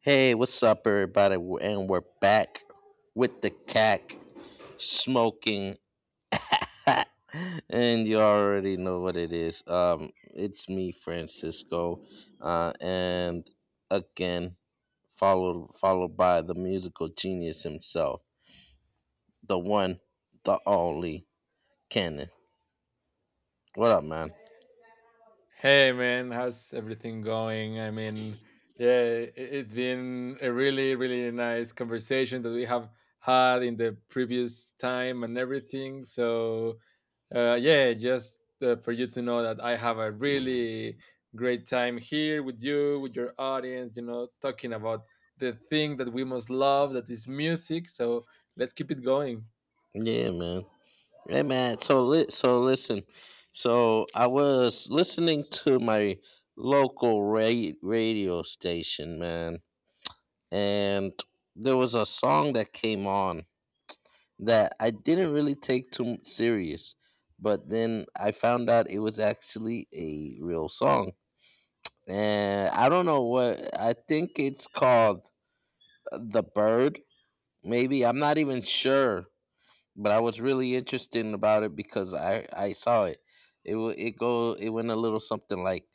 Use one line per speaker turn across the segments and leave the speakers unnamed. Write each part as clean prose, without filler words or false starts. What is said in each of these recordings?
Hey, what's up, everybody? And we're back with the CAC smoking hot, and you already know what it is. It's me, Francisco, uh, and again, followed by the musical genius himself, the one, the only, Cannon. What up, man?
Hey man, how's everything going? I mean, yeah, it's been a really nice conversation that we have had in the previous time and everything. So, yeah, just for you to know that I have a really great time here with you, with your audience, you know, talking about the thing that we most love, that is music. So, let's keep it going.
Yeah, man. Hey man, so listen. So I was listening to my local radio station, man, and there was a song that came on that I didn't really take too serious, but then I found out it was actually a real song. And I don't know what I think it's called The Bird, maybe. I'm not even sure but I was really interested about it because I saw it. It wa- it go it went a little something like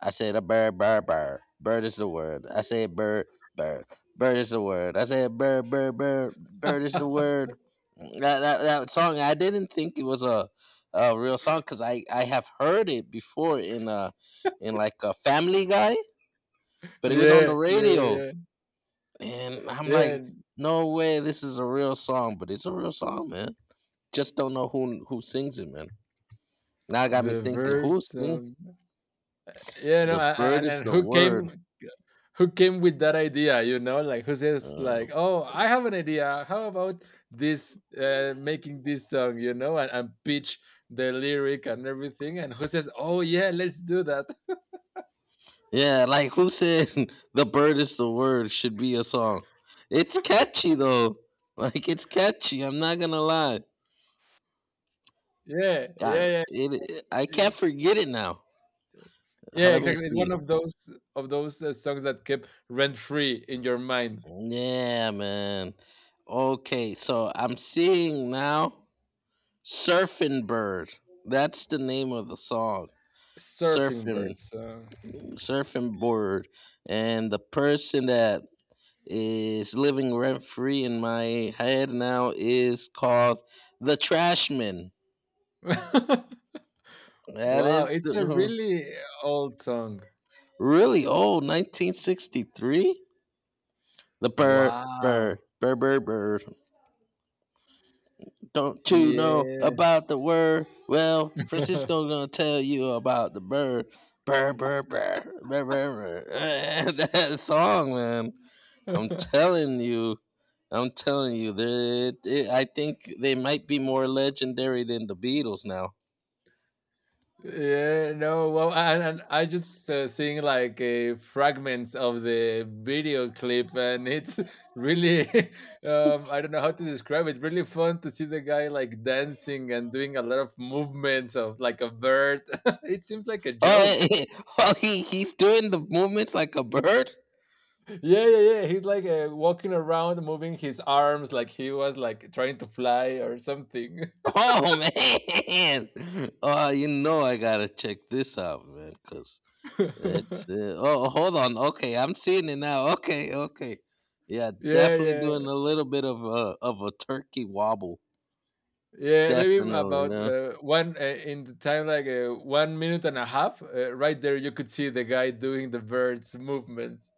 I said a bird bird bird bird is the word. I said bird bird bird is the word. I said bird bird bird bird is the word. That song I didn't think it was a real song because I have heard it before in in like a Family Guy, but it was on the
Yeah, yeah,
radio
yeah,
and I'm
yeah.
like. No way, this is a real song, but it's a real song, man. Just don't know who sings it, man. Now it got me
The
thinking, who
birds.
sing?
Yeah, no,
The bird
and
is
and
the word.
who came with that idea? You know, like who says
Uh,
like, oh, I have an idea. How about this making this song? You know, and pitch the lyric and everything. And who says, oh yeah, let's do that.
yeah, like who said the bird is the word should be a song? It's catchy though. Like it's catchy. I'm not gonna lie.
Yeah,
I,
yeah,
I
yeah,
can't forget it now.
yeah.
Let me
Exactly. It's one
see.
of those songs that kept rent free in your mind.
Yeah, man. Okay, so I'm seeing now Surfing Bird. That's the name of the song.
Surfing
Surfing
birds. So.
surfing board and the person that is living rent free in my head now is called the Trashman. That
Wow,
is
it's a
the-
really old song.
Really old, 1963. The bird, bird,
Wow.
bird, bird, bird. Don't you know
Yeah.
about the word? Well, Francisco's gonna tell you about the bird. Bird, bird, bird, bird, bird, bird. that song, man. I'm telling you I'm telling you, they- I think they might be more legendary than the Beatles now.
Yeah, no, well, and I just seeing like fragments of the video clip, and it's really, I don't know how to describe it. Really fun to see the guy like dancing and doing a lot of movements of like a bird. It seems like a
Oh,
joke.
oh he's doing the movements like a bird.
Yeah, yeah, yeah. He's like walking around, moving his arms like he was like trying to fly or something.
Oh man! Oh, you know I gotta check this out, man, because
Yeah,
hold on. Okay, I'm seeing it now. Okay, okay. Yeah, definitely
yeah.
doing a little bit of a turkey wobble.
Yeah, maybe
Definitely,
about
no.
one in the time like 1 minute and a half. Right there, you could see the guy doing the bird's movements.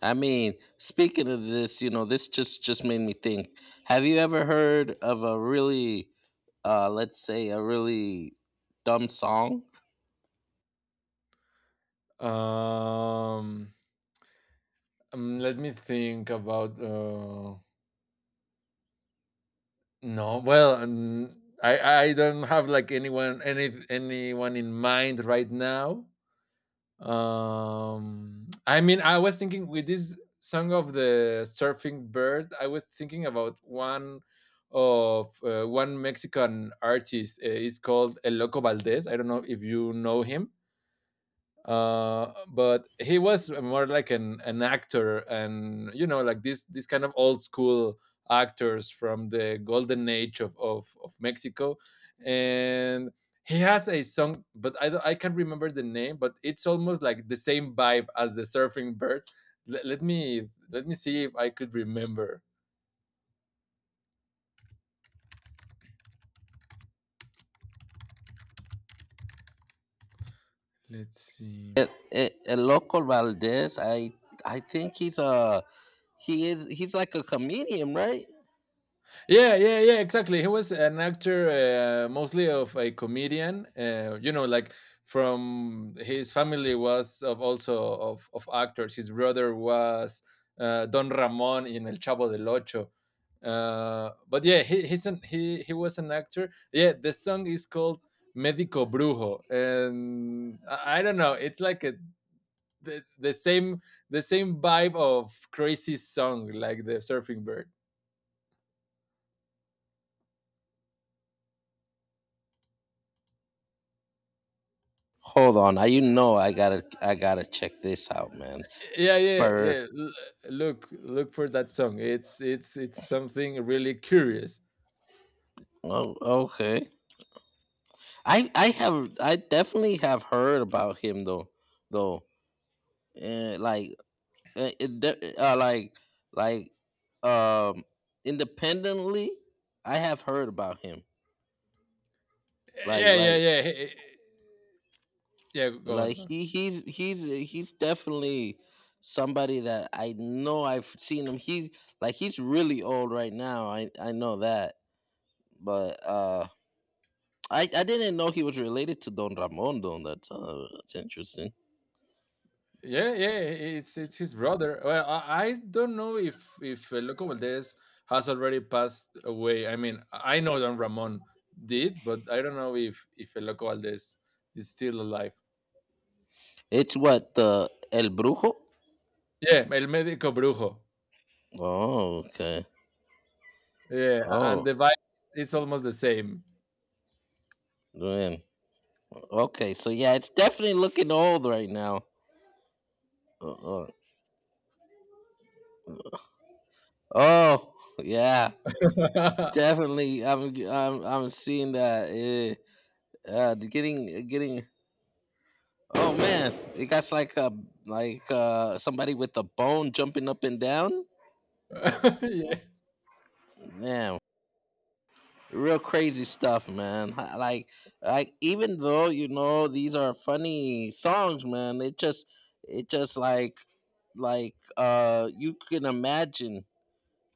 I mean, speaking of this, you know, this just made me think. Have you ever heard of a really, let's say, a really dumb song?
Um, Let me think about. No, well, I don't have like anyone in mind right now. I mean, I was thinking with this song of the surfing bird, I was thinking about one Mexican artist. It's called El Loco Valdez. I don't know if you know him, uh, but he was more like an actor, and you know like this kind of old school actors from the golden age of Mexico, and he has a song, but I can't remember the name, but it's almost like the same vibe as the surfing bird. Let me see if I could remember. Let's see.
El Loco Valdez. I think he's a he is He's like a comedian, right?
Yeah, yeah, yeah, exactly. He was an actor, mostly of a comedian. You know, like from his family was of also of actors. His brother was Don Ramon in El Chavo del Ocho. But yeah, he was an actor. Yeah, the song is called Medico Brujo, and I don't know. It's like a the, the same the same vibe of crazy song like the Surfing Bird.
Hold on, I you know I gotta check this out, man.
yeah yeah
Bird.
yeah L- Look for that song. It's something really curious.
Oh, okay. I definitely have heard about him though. Like it de- like um Independently, I have heard about him, like
yeah yeah
like
yeah he- he- yeah Go on, go on.
he he's definitely somebody that I know. I've seen him. He's like he's really old right now. I know that, but I didn't know he was related to Don Ramon. Don That's that's interesting.
yeah yeah it's his brother. Well, I don't know if Loco Valdez has already passed away. I mean, I know Don Ramon did, but I don't know if Loco Valdez is still alive.
It's what the el brujo.
Yeah, El Médico Brujo.
Oh, okay.
Yeah. And
Oh
the vibe, it's almost the same.
man. Okay, so yeah, it's definitely looking old right now. Uh-uh. Oh, yeah, definitely. I'm seeing that. Eh, the Getting getting. Oh man, it got like a like somebody with a bone jumping up and down.
Yeah.
Man, real crazy stuff, man. Even though you know these are funny songs, man, it just it just like you can imagine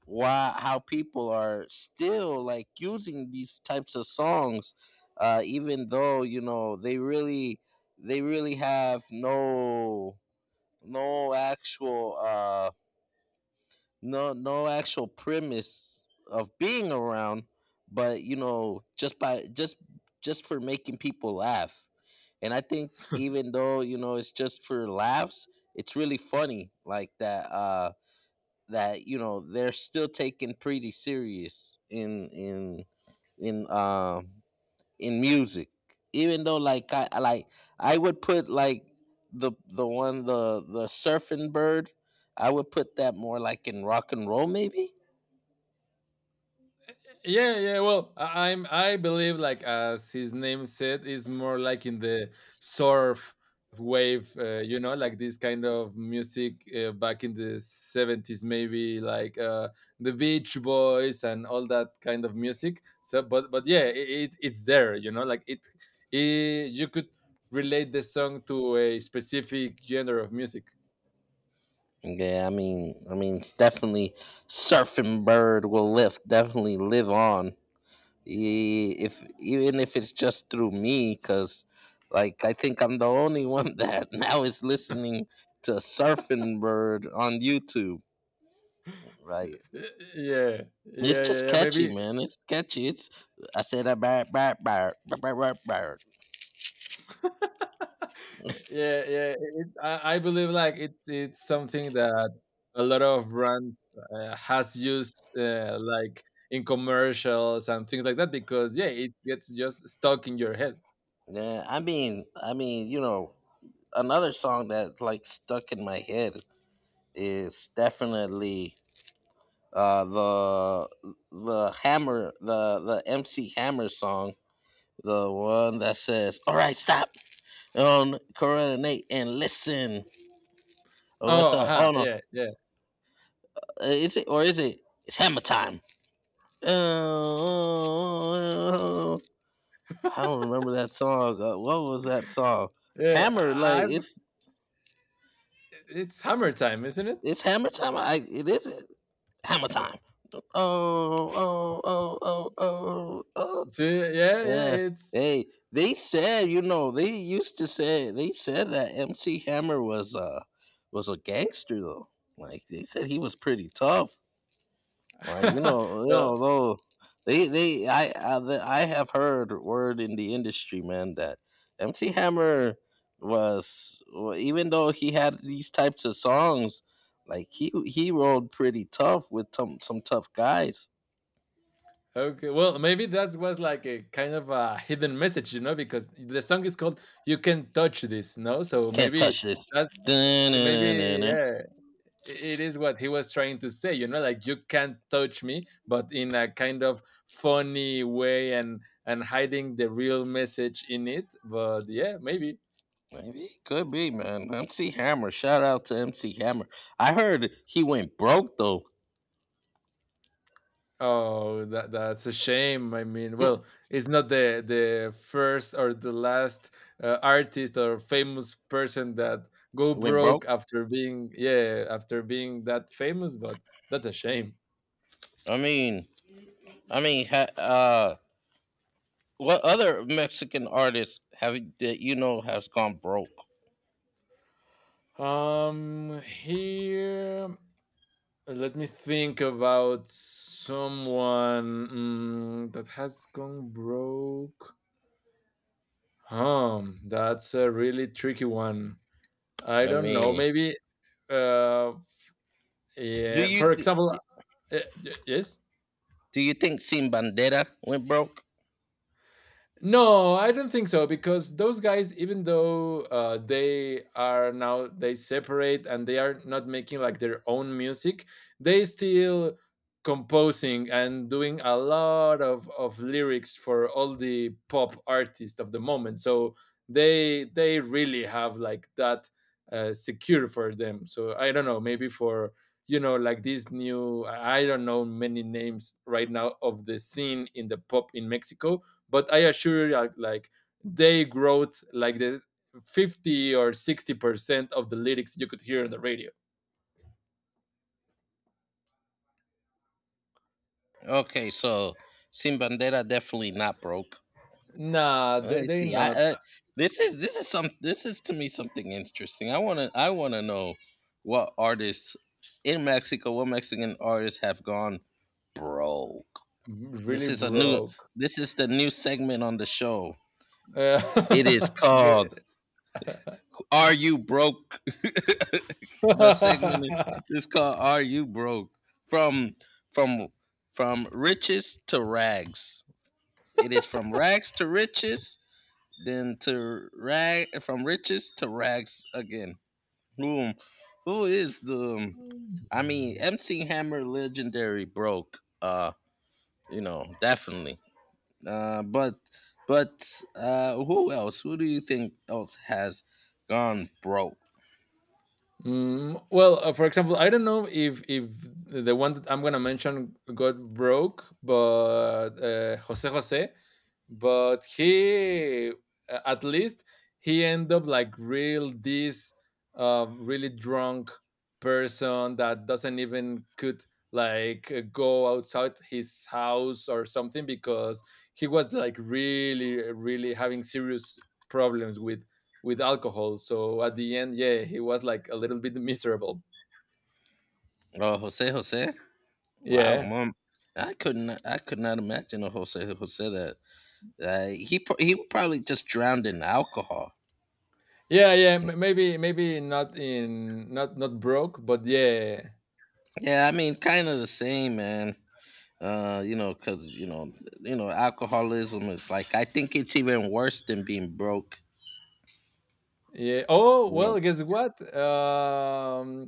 why how people are still like using these types of songs even though you know they really have no no actual no no actual premise of being around, but you know just by just just for making people laugh. And I think even though you know it's just for laughs, it's really funny like that that you know they're still taken pretty serious in um in music. Even though like I like I would put like the one the surfing bird, I would put that more like in rock and roll maybe.
Yeah, yeah. Well, I believe, like as his name said, is more like in the surf wave. You know, like this kind of music back in the 70s, maybe like the Beach Boys and all that kind of music. So, but yeah, it's there. You know, like it, it. You could relate the song to a specific genre of music.
Yeah, I mean it's definitely surfing bird will live definitely live on. If even if it's just through me because like I think I'm the only one that now is listening to surfing bird on YouTube, right?
Y- Yeah,
It's
yeah, yeah.
just
Yeah.
catchy,
Maybe.
man. It's catchy. It's I said a bird bird bird bird bird bird bird."
Yeah, yeah, I believe like it's something that a lot of brands has used, like in commercials and things like that, because yeah, it gets just stuck in your head.
Yeah, I mean you know another song that like stuck in my head is definitely uh the the MC Hammer song. The one that says, "All right, stop on Corona Nate and listen." Oh, what's
Oh,
up? Oh no,
yeah, yeah,
Is it? It's hammer time. Oh, I don't remember that song. What was that song?
yeah.
Hammer, like
It's hammer time, isn't it?
it's hammer time. I It is hammer time. Oh, Oh oh oh oh oh
See, yeah, yeah
Yeah.
it's
Hey, they said, you know, they used to say they said that MC Hammer was a gangster though. Like they said he was pretty tough. Like you
well.
know though I have heard word in the industry, man, that MC Hammer was, well, even though he had these types of songs, like he rolled pretty tough with some tough guys.
Okay, well, maybe that was like a kind of a hidden message, you know, because the song is called You Can Touch This. No, so
Can't
maybe
touch this.
that maybe yeah, it is what he was trying to say, you know, like you can't touch me, but in a kind of funny way, and hiding the real message in it, but yeah, maybe.
Maybe could be, man. MC Hammer. Shout out to MC Hammer. I heard he went broke though.
Oh, that's a shame. I mean, well, it's not the first or the last artist or famous person that go
Went broke.
broke after being, that famous. But that's a shame.
I mean, I mean, ha, uh, what other Mexican artists have that you know has gone broke?
Here. Let me think about someone that has gone broke. That's a really tricky one. I
I
don't know.
mean,
Maybe, uh,
do
yeah.
you
For
th-
example, yes.
do you think Sin Bandera went broke?
No, I don't think so, because those guys, even though they are now, they separate and they are not making like their own music, they still composing and doing a lot of lyrics for all the pop artists of the moment. So they really have like that secure for them. So I don't know, maybe for, you know, like these new, I don't know many names right now of the scene in the pop in Mexico, but I assure you, like they wrote like the 50 or 60% of the lyrics you could hear on the radio.
Okay, so Sin Bandera definitely not broke.
Nah,
Let
they
me
they
see. I
not
This is this is some this is to me something interesting. I wanna know what artists in Mexico, what Mexican artists have gone broke.
really
This is a new
broke.
this is the new segment on the show. It is
Uh,
called
Get-
Are You Broke? The segment is called Are You Broke? From from from riches to rags. It is from rags to riches then to rag from riches to rags again. Boom. Who is the? I mean, MC Hammer, legendary broke. You know, definitely. Uh, but but who else? Who do you think else has gone broke?
Mm, well, for example, I don't know if the one that I'm gonna mention got broke, but Jose Jose, but he, at least, he ended up like really drunk person that doesn't even could like go outside his house or something because he was like really having serious problems with alcohol. So at the end, yeah, he was like a little bit miserable.
Oh, Jose Jose. Wow,
Yeah,
mom. I could not imagine a Jose Jose that he would probably just drowned in alcohol.
yeah, yeah. Maybe not in not not broke, but yeah,
Yeah, I mean, kind of the same, man. You know, because you know alcoholism is like I think it's even worse than being broke,
yeah. Oh
you know.
well, guess what? Um,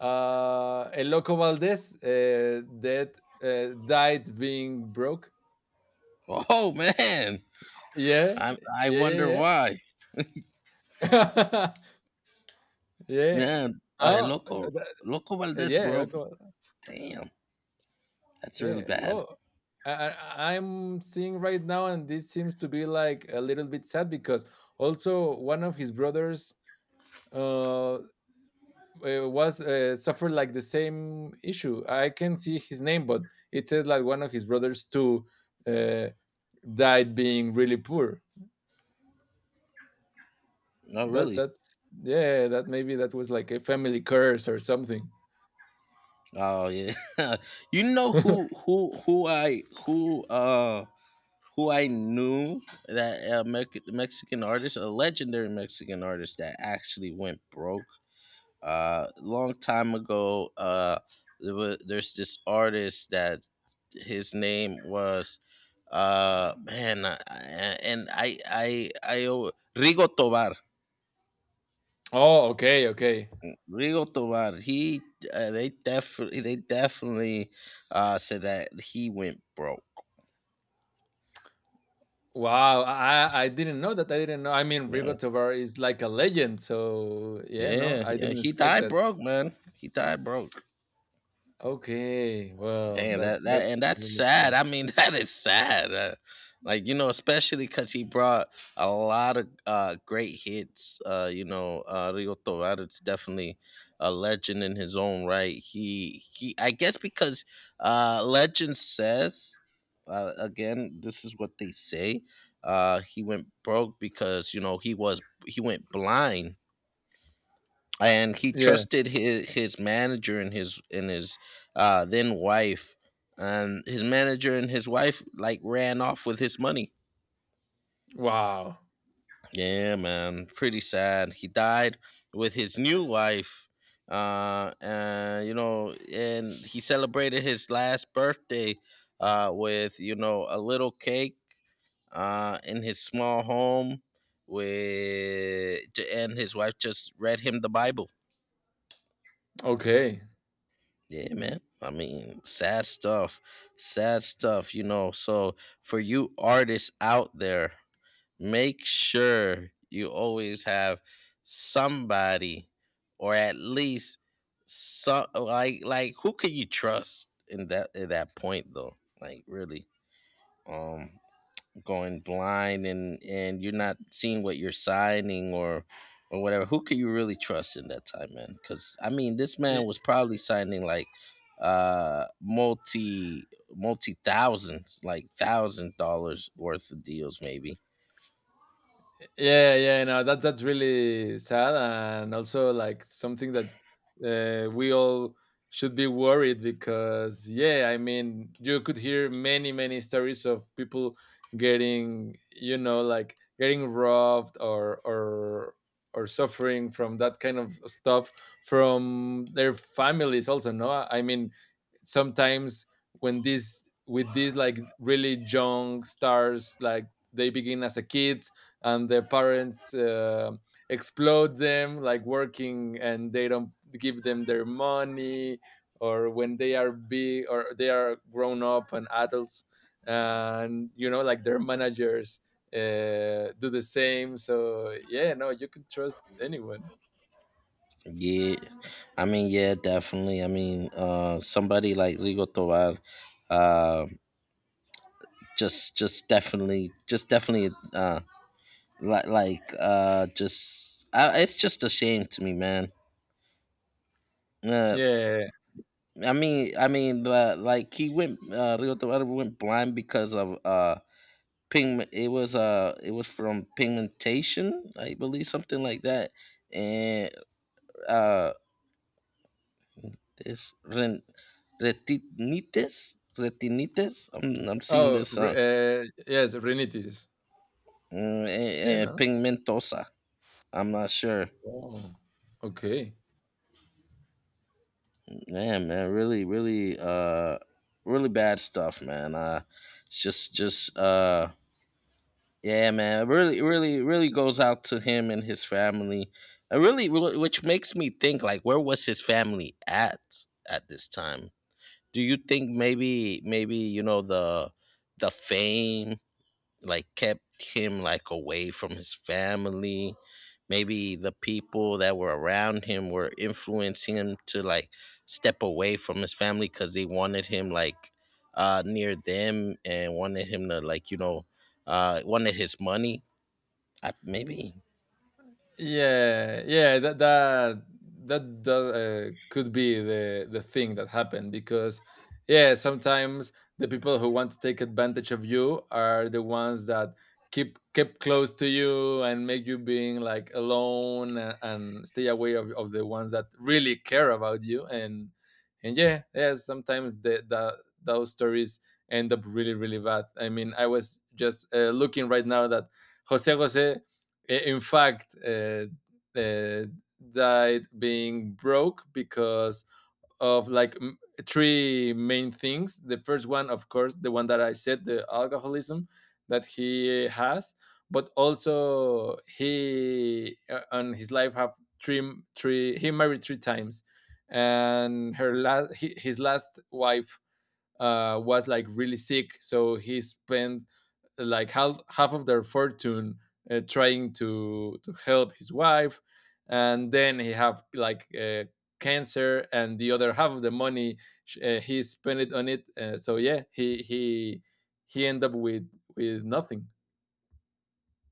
uh, El Loco Valdez, that, died being broke.
Oh man,
Yeah,
I
yeah,
wonder
yeah,
why.
yeah. Yeah.
Man,
Oh,
Loco Valdez
yeah, El
broke.
Loco.
Damn, that's really
Yeah.
bad.
Oh, I'm seeing right now, and this seems to be like a little bit sad because also one of his brothers uh was suffered like the same issue. I can see his name, but it says like one of his brothers too uh, died being really poor.
Oh really.
That's, yeah. That maybe that was like a family curse or something.
Oh yeah. You know who I knew that Mexican artist, a legendary Mexican artist that actually went broke long time ago. There's this artist that his name was man and I o- Rigo Tobar.
Oh, okay, okay.
Rigo tobar he They definitely said that he went broke.
Wow, I didn't know that. I didn't know. I mean, Rigo
yeah
is like a legend, so yeah, no, I
yeah,
didn't
he
expect
died
that.
broke, man. He died broke.
Okay, well,
Damn
that's
that
that's
and that's
really
sad.
fun.
I mean, that is sad. Like you know, especially because he brought a lot of great hits. You know, Rio Tovar is definitely a legend in his own right. I guess because legend says, again, this is what they say. He went broke because you know he went blind and he
Yeah.
trusted his manager and his then wife, and his manager and his wife like ran off with his money.
Wow.
Yeah, man, pretty sad. He died with his new wife, and you know, and he celebrated his last birthday with you know a little cake in his small home with and his wife just read him the bible.
Okay.
Yeah, man. I mean, sad stuff. Sad stuff, you know. So, for you artists out there, make sure you always have somebody. Or at least some, like, who can you trust in that at that point though? Like really. Um Going blind and you're not seeing what you're signing or whatever, who can you really trust in that time, man? Because I mean, this man was probably signing like uh multi multi thousands, like $1,000 worth of deals maybe.
Yeah, yeah, no, that's really sad, and also like something that we all should be worried, because yeah, I mean, you could hear many stories of people getting, you know, like getting robbed or suffering from that kind of stuff from their families also, no? I mean, sometimes when this with these like really young stars, like they begin as a kid, and their parents explode them like working, and they don't give them their money, or when they are big or they are grown up and adults, and you know like their managers do the same. So yeah, no, you can trust anyone.
Yeah, definitely. I mean, somebody like Rigo Tovar, uh just definitely just definitely, it's just a shame to me, man. Uh,
Yeah.
like he went, Rio de Janeiro went blind because of pigment. It was from pigmentation, I believe, something like that, and uh, this ren- retinitis, retinitis, I'm seeing this
Yes, renitis.
and,
Yeah,
and
no.
pigmentosa. I'm not sure.
Oh, okay.
Man, man, really, really, uh, really bad stuff, man. It's just. Yeah, man. It Really, really goes out to him and his family. Which makes me think, like, where was his family at this time? Do you think maybe, you know, the fame, like, kept him, like, away from his family? Maybe the people that were around him were influencing him to, like, step away from his family because they wanted him, like, near them, and wanted him to, like, wanted his money. Maybe.
Yeah, yeah, that could be the thing that happened, because yeah, sometimes the people who want to take advantage of you are the ones that keep close to you and make you being like alone, and stay away of the ones that really care about you, and yeah, yeah, sometimes the those stories end up really bad. I mean, I was just looking right now that Jose Jose, in fact, uh, died being broke because of like three main things. The first one, of course, the one that I said, the alcoholism that he has, but also he, on his life have three three. He married three times, and her last his last wife was like really sick, so he spent like half of their fortune, trying to help his wife, and then he have like, cancer, and the other half of the money, he spent it on it. So yeah, he end up with nothing.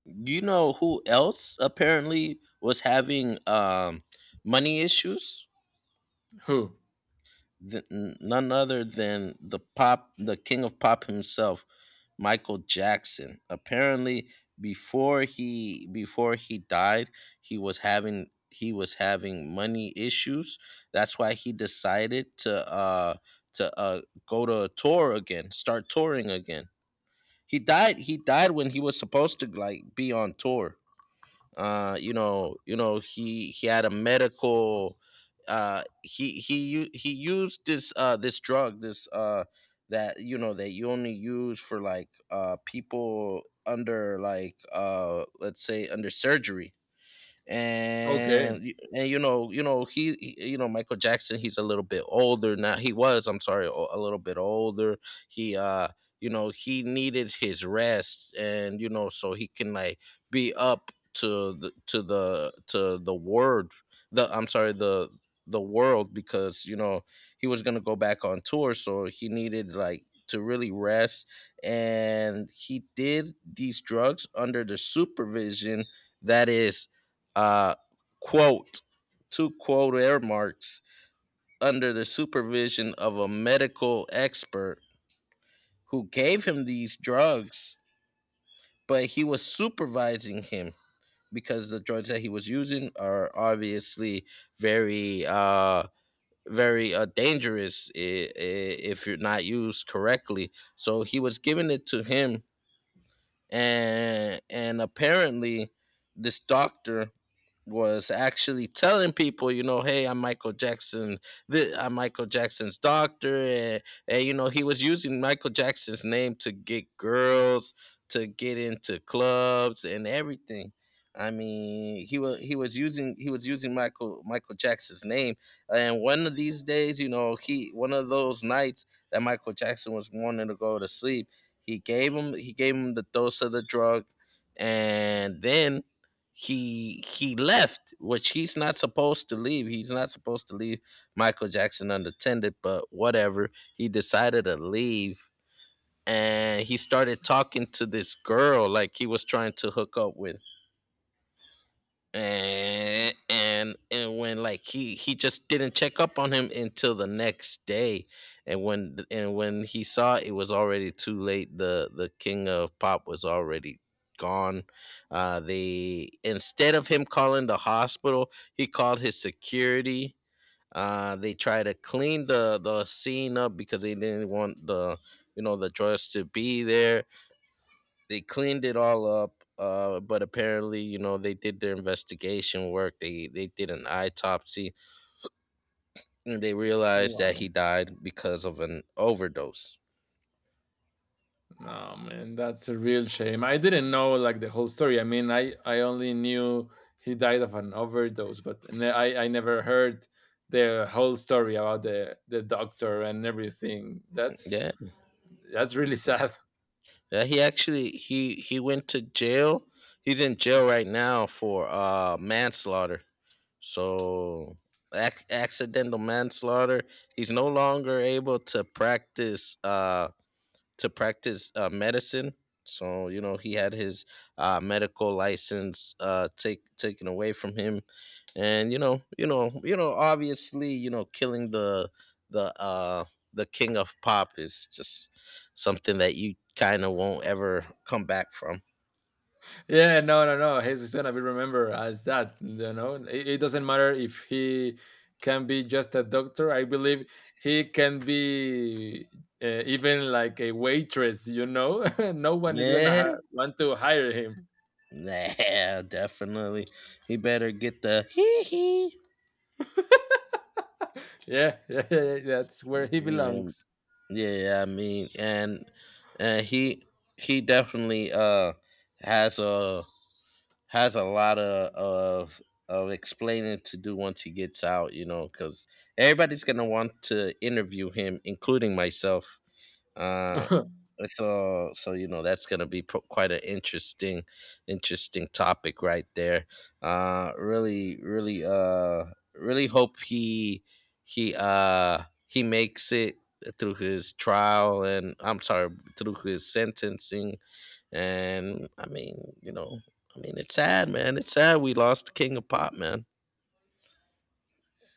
You know who else apparently was having money issues?
Who?
None other than the king of pop himself, Michael Jackson. Apparently, before he died, he was having, money issues. That's why he decided to to uh go to a tour again, start touring again. He died when he was supposed to, like, be on tour. Uh, you know, you know, he had a medical, uh, he used this, this drug, this uh, that, you know, that you only use for, like, people under, like, let's say under surgery.
Okay.
And, you know, you know, you know, Michael Jackson, he's a little bit older now. He was, I'm sorry, a little bit older. He You know, he needed his rest, and, you know, so he can, like, be up to the, to the word the I'm sorry the world, because, you know, he was going to go back on tour, so he needed, like, to really rest. And he did these drugs under the supervision that is, uh, quote, two quote air marks, under the supervision of a medical expert who gave him these drugs. But he was supervising him, because the drugs that he was using are obviously very uh very, dangerous if you're not used correctly. So he was giving it to him, and apparently this doctor was actually telling people, you know, hey, I'm Michael Jackson. I'm Michael Jackson's doctor. And, you know, he was using Michael Jackson's name to get girls, to get into clubs, and everything. I mean, he was using Michael Jackson's name. And one of these days, you know, he one of those nights that Michael Jackson was wanting to go to sleep, he gave him the dose of the drug. And then he left, which he's not supposed to leave. He's not supposed to leave Michael Jackson unattended, but whatever. He decided to leave, and he started talking to this girl like he was trying to hook up with. And and and when like he just didn't check up on him until the next day. And when he saw, it was already too late. The king of pop was already gone. Uh, they instead of him calling the hospital, he called his security. Uh, they tried to clean the scene up, because they didn't want the, you know, the drugs to be there. They cleaned it all up. Uh, but apparently, you know, they did their investigation work. They they did an autopsy, and they realized that
Wow.
he died because of an overdose.
No, man, that's a real shame. I didn't know like the whole story. I mean, I only knew he died of an overdose, but I never heard the whole story about the doctor and everything. That's
Yeah,
really sad.
yeah, he went to jail. He's in jail right now for manslaughter. So accidental manslaughter. He's no longer able to practice, medicine. So, you know, he had his medical license taken away from him. And, you know, obviously, you know, killing the the uh, the king of pop is just something that you kind of won't ever come back from.
Yeah, no, no, no. He's gonna be remembered as that. You know, it doesn't matter if he can be just a doctor. I believe he can be. Even like a waitress, you know, no one is gonna
Yeah,
want to hire him.
nah, definitely. He better get the hee hee.
Yeah, yeah, yeah, yeah, that's where he
Yeah.
belongs.
Yeah, I mean, and he definitely has a, lot of of explaining to do once he gets out, you know, because everybody's gonna want to interview him, including myself. Uh, so, you know, that's gonna be quite an interesting, interesting topic right there. Uh, really really uh really hope he makes it through his trial, and I'm sorry, through his sentencing. And I mean, you know, I mean, it's sad, man. It's sad we lost the king of pop, man.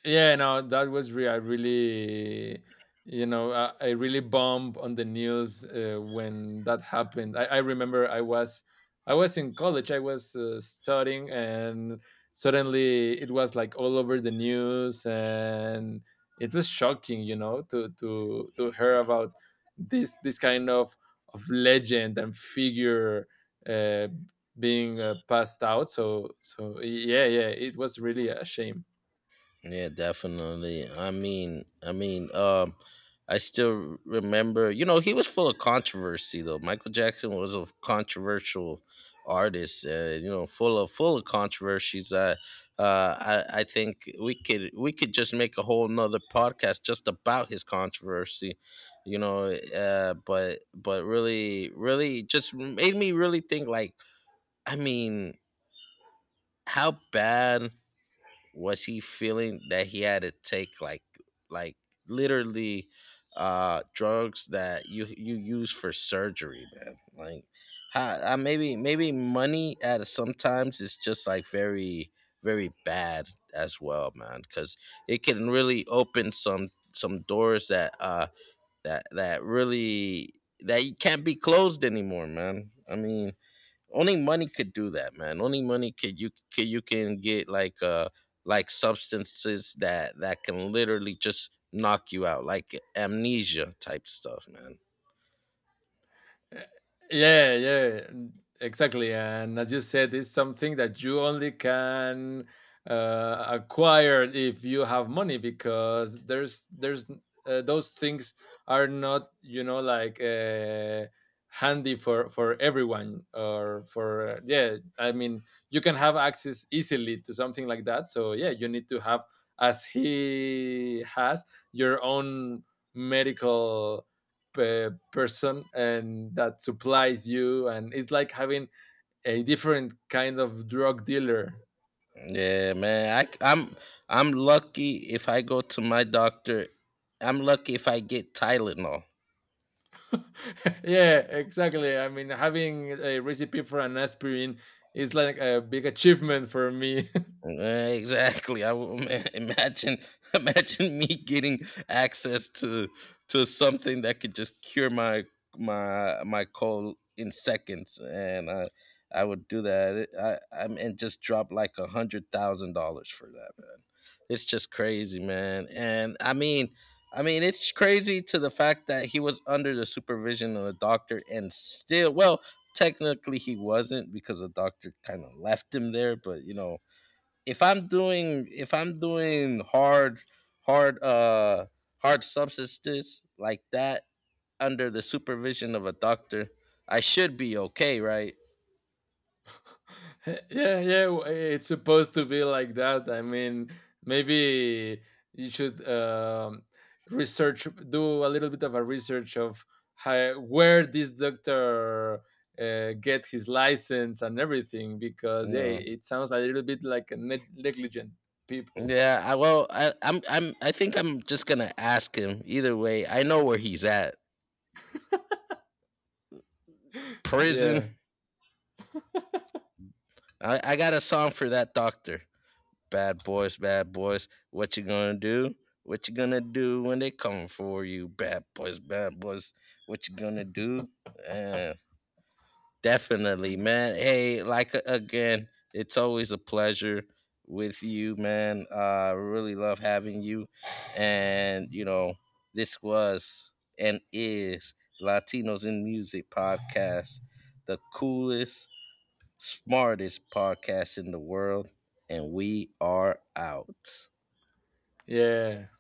Yeah, no, that was real. I really, you know, I really bummed on the news when that happened. I remember I was in college. I was studying, and suddenly it was like all over the news, and it was shocking, you know, to hear about this kind of legend and figure, uh, being, passed out. So yeah, yeah, it was really a shame.
Yeah, definitely. I still remember. You know, he was full of controversy, though. Michael Jackson was a controversial artist, and, you know, full of controversies. I think we could just make a whole nother podcast just about his controversy. You know, but really, really just made me really think, like, I mean, how bad was he feeling that he had to take, like, literally drugs that you use for surgery, man? Like, how maybe, maybe money at sometimes is just, like, very, very bad as well, man, cuz it can really open some doors that that really, that you can't be closed anymore, man. I mean, only money could do that, man. Only money could, you can get, like, substances that can literally just knock you out, like amnesia type stuff, man.
Yeah, yeah, exactly. And as you said, it's something that you only can acquire if you have money, because there's those things are not, you know, like, handy for everyone, or for, yeah. I mean, you can have access easily to something like that. So yeah, you need to have, as he has, your own medical, person, and that supplies you, and it's like having a different kind of drug dealer.
Yeah, man. I'm lucky if I go to my doctor. I'm lucky if I get Tylenol.
Yeah, exactly. I mean, having a recipe for an aspirin is like a big achievement for me.
Eh, exactly. Imagine, imagine me getting access to something that could just cure my, my cold in seconds, and I would do that. I, and just drop like $100,000 for that, man. It's just crazy, man. And I mean, it's crazy to the fact that he was under the supervision of a doctor, and still, well, technically he wasn't, because the doctor kind of left him there. But you know, if I'm doing hard, hard uh hard substances like that under the supervision of a doctor, I should be okay, right?
Yeah, yeah, it's supposed to be like that. I mean, maybe you should, research, do a little bit of a research of how, where this doctor get his license and everything, because yeah,
No.
it sounds a little bit like a negligent people.
Yeah, I, well, I'm, I think I'm just gonna ask him. Either way, I know where he's at. Prison.
Yeah,
I got a song for that doctor. Bad boys, bad boys. What you gonna do? What you gonna do when they come for you? Bad boys, bad boys. What you gonna do? Eh, definitely, man. Hey, like, again, it's always a pleasure with you, man. Really love having you. And, you know, this was, and is, Latinos in Music podcast, the coolest, smartest podcast in the world, and we are out.
yeah.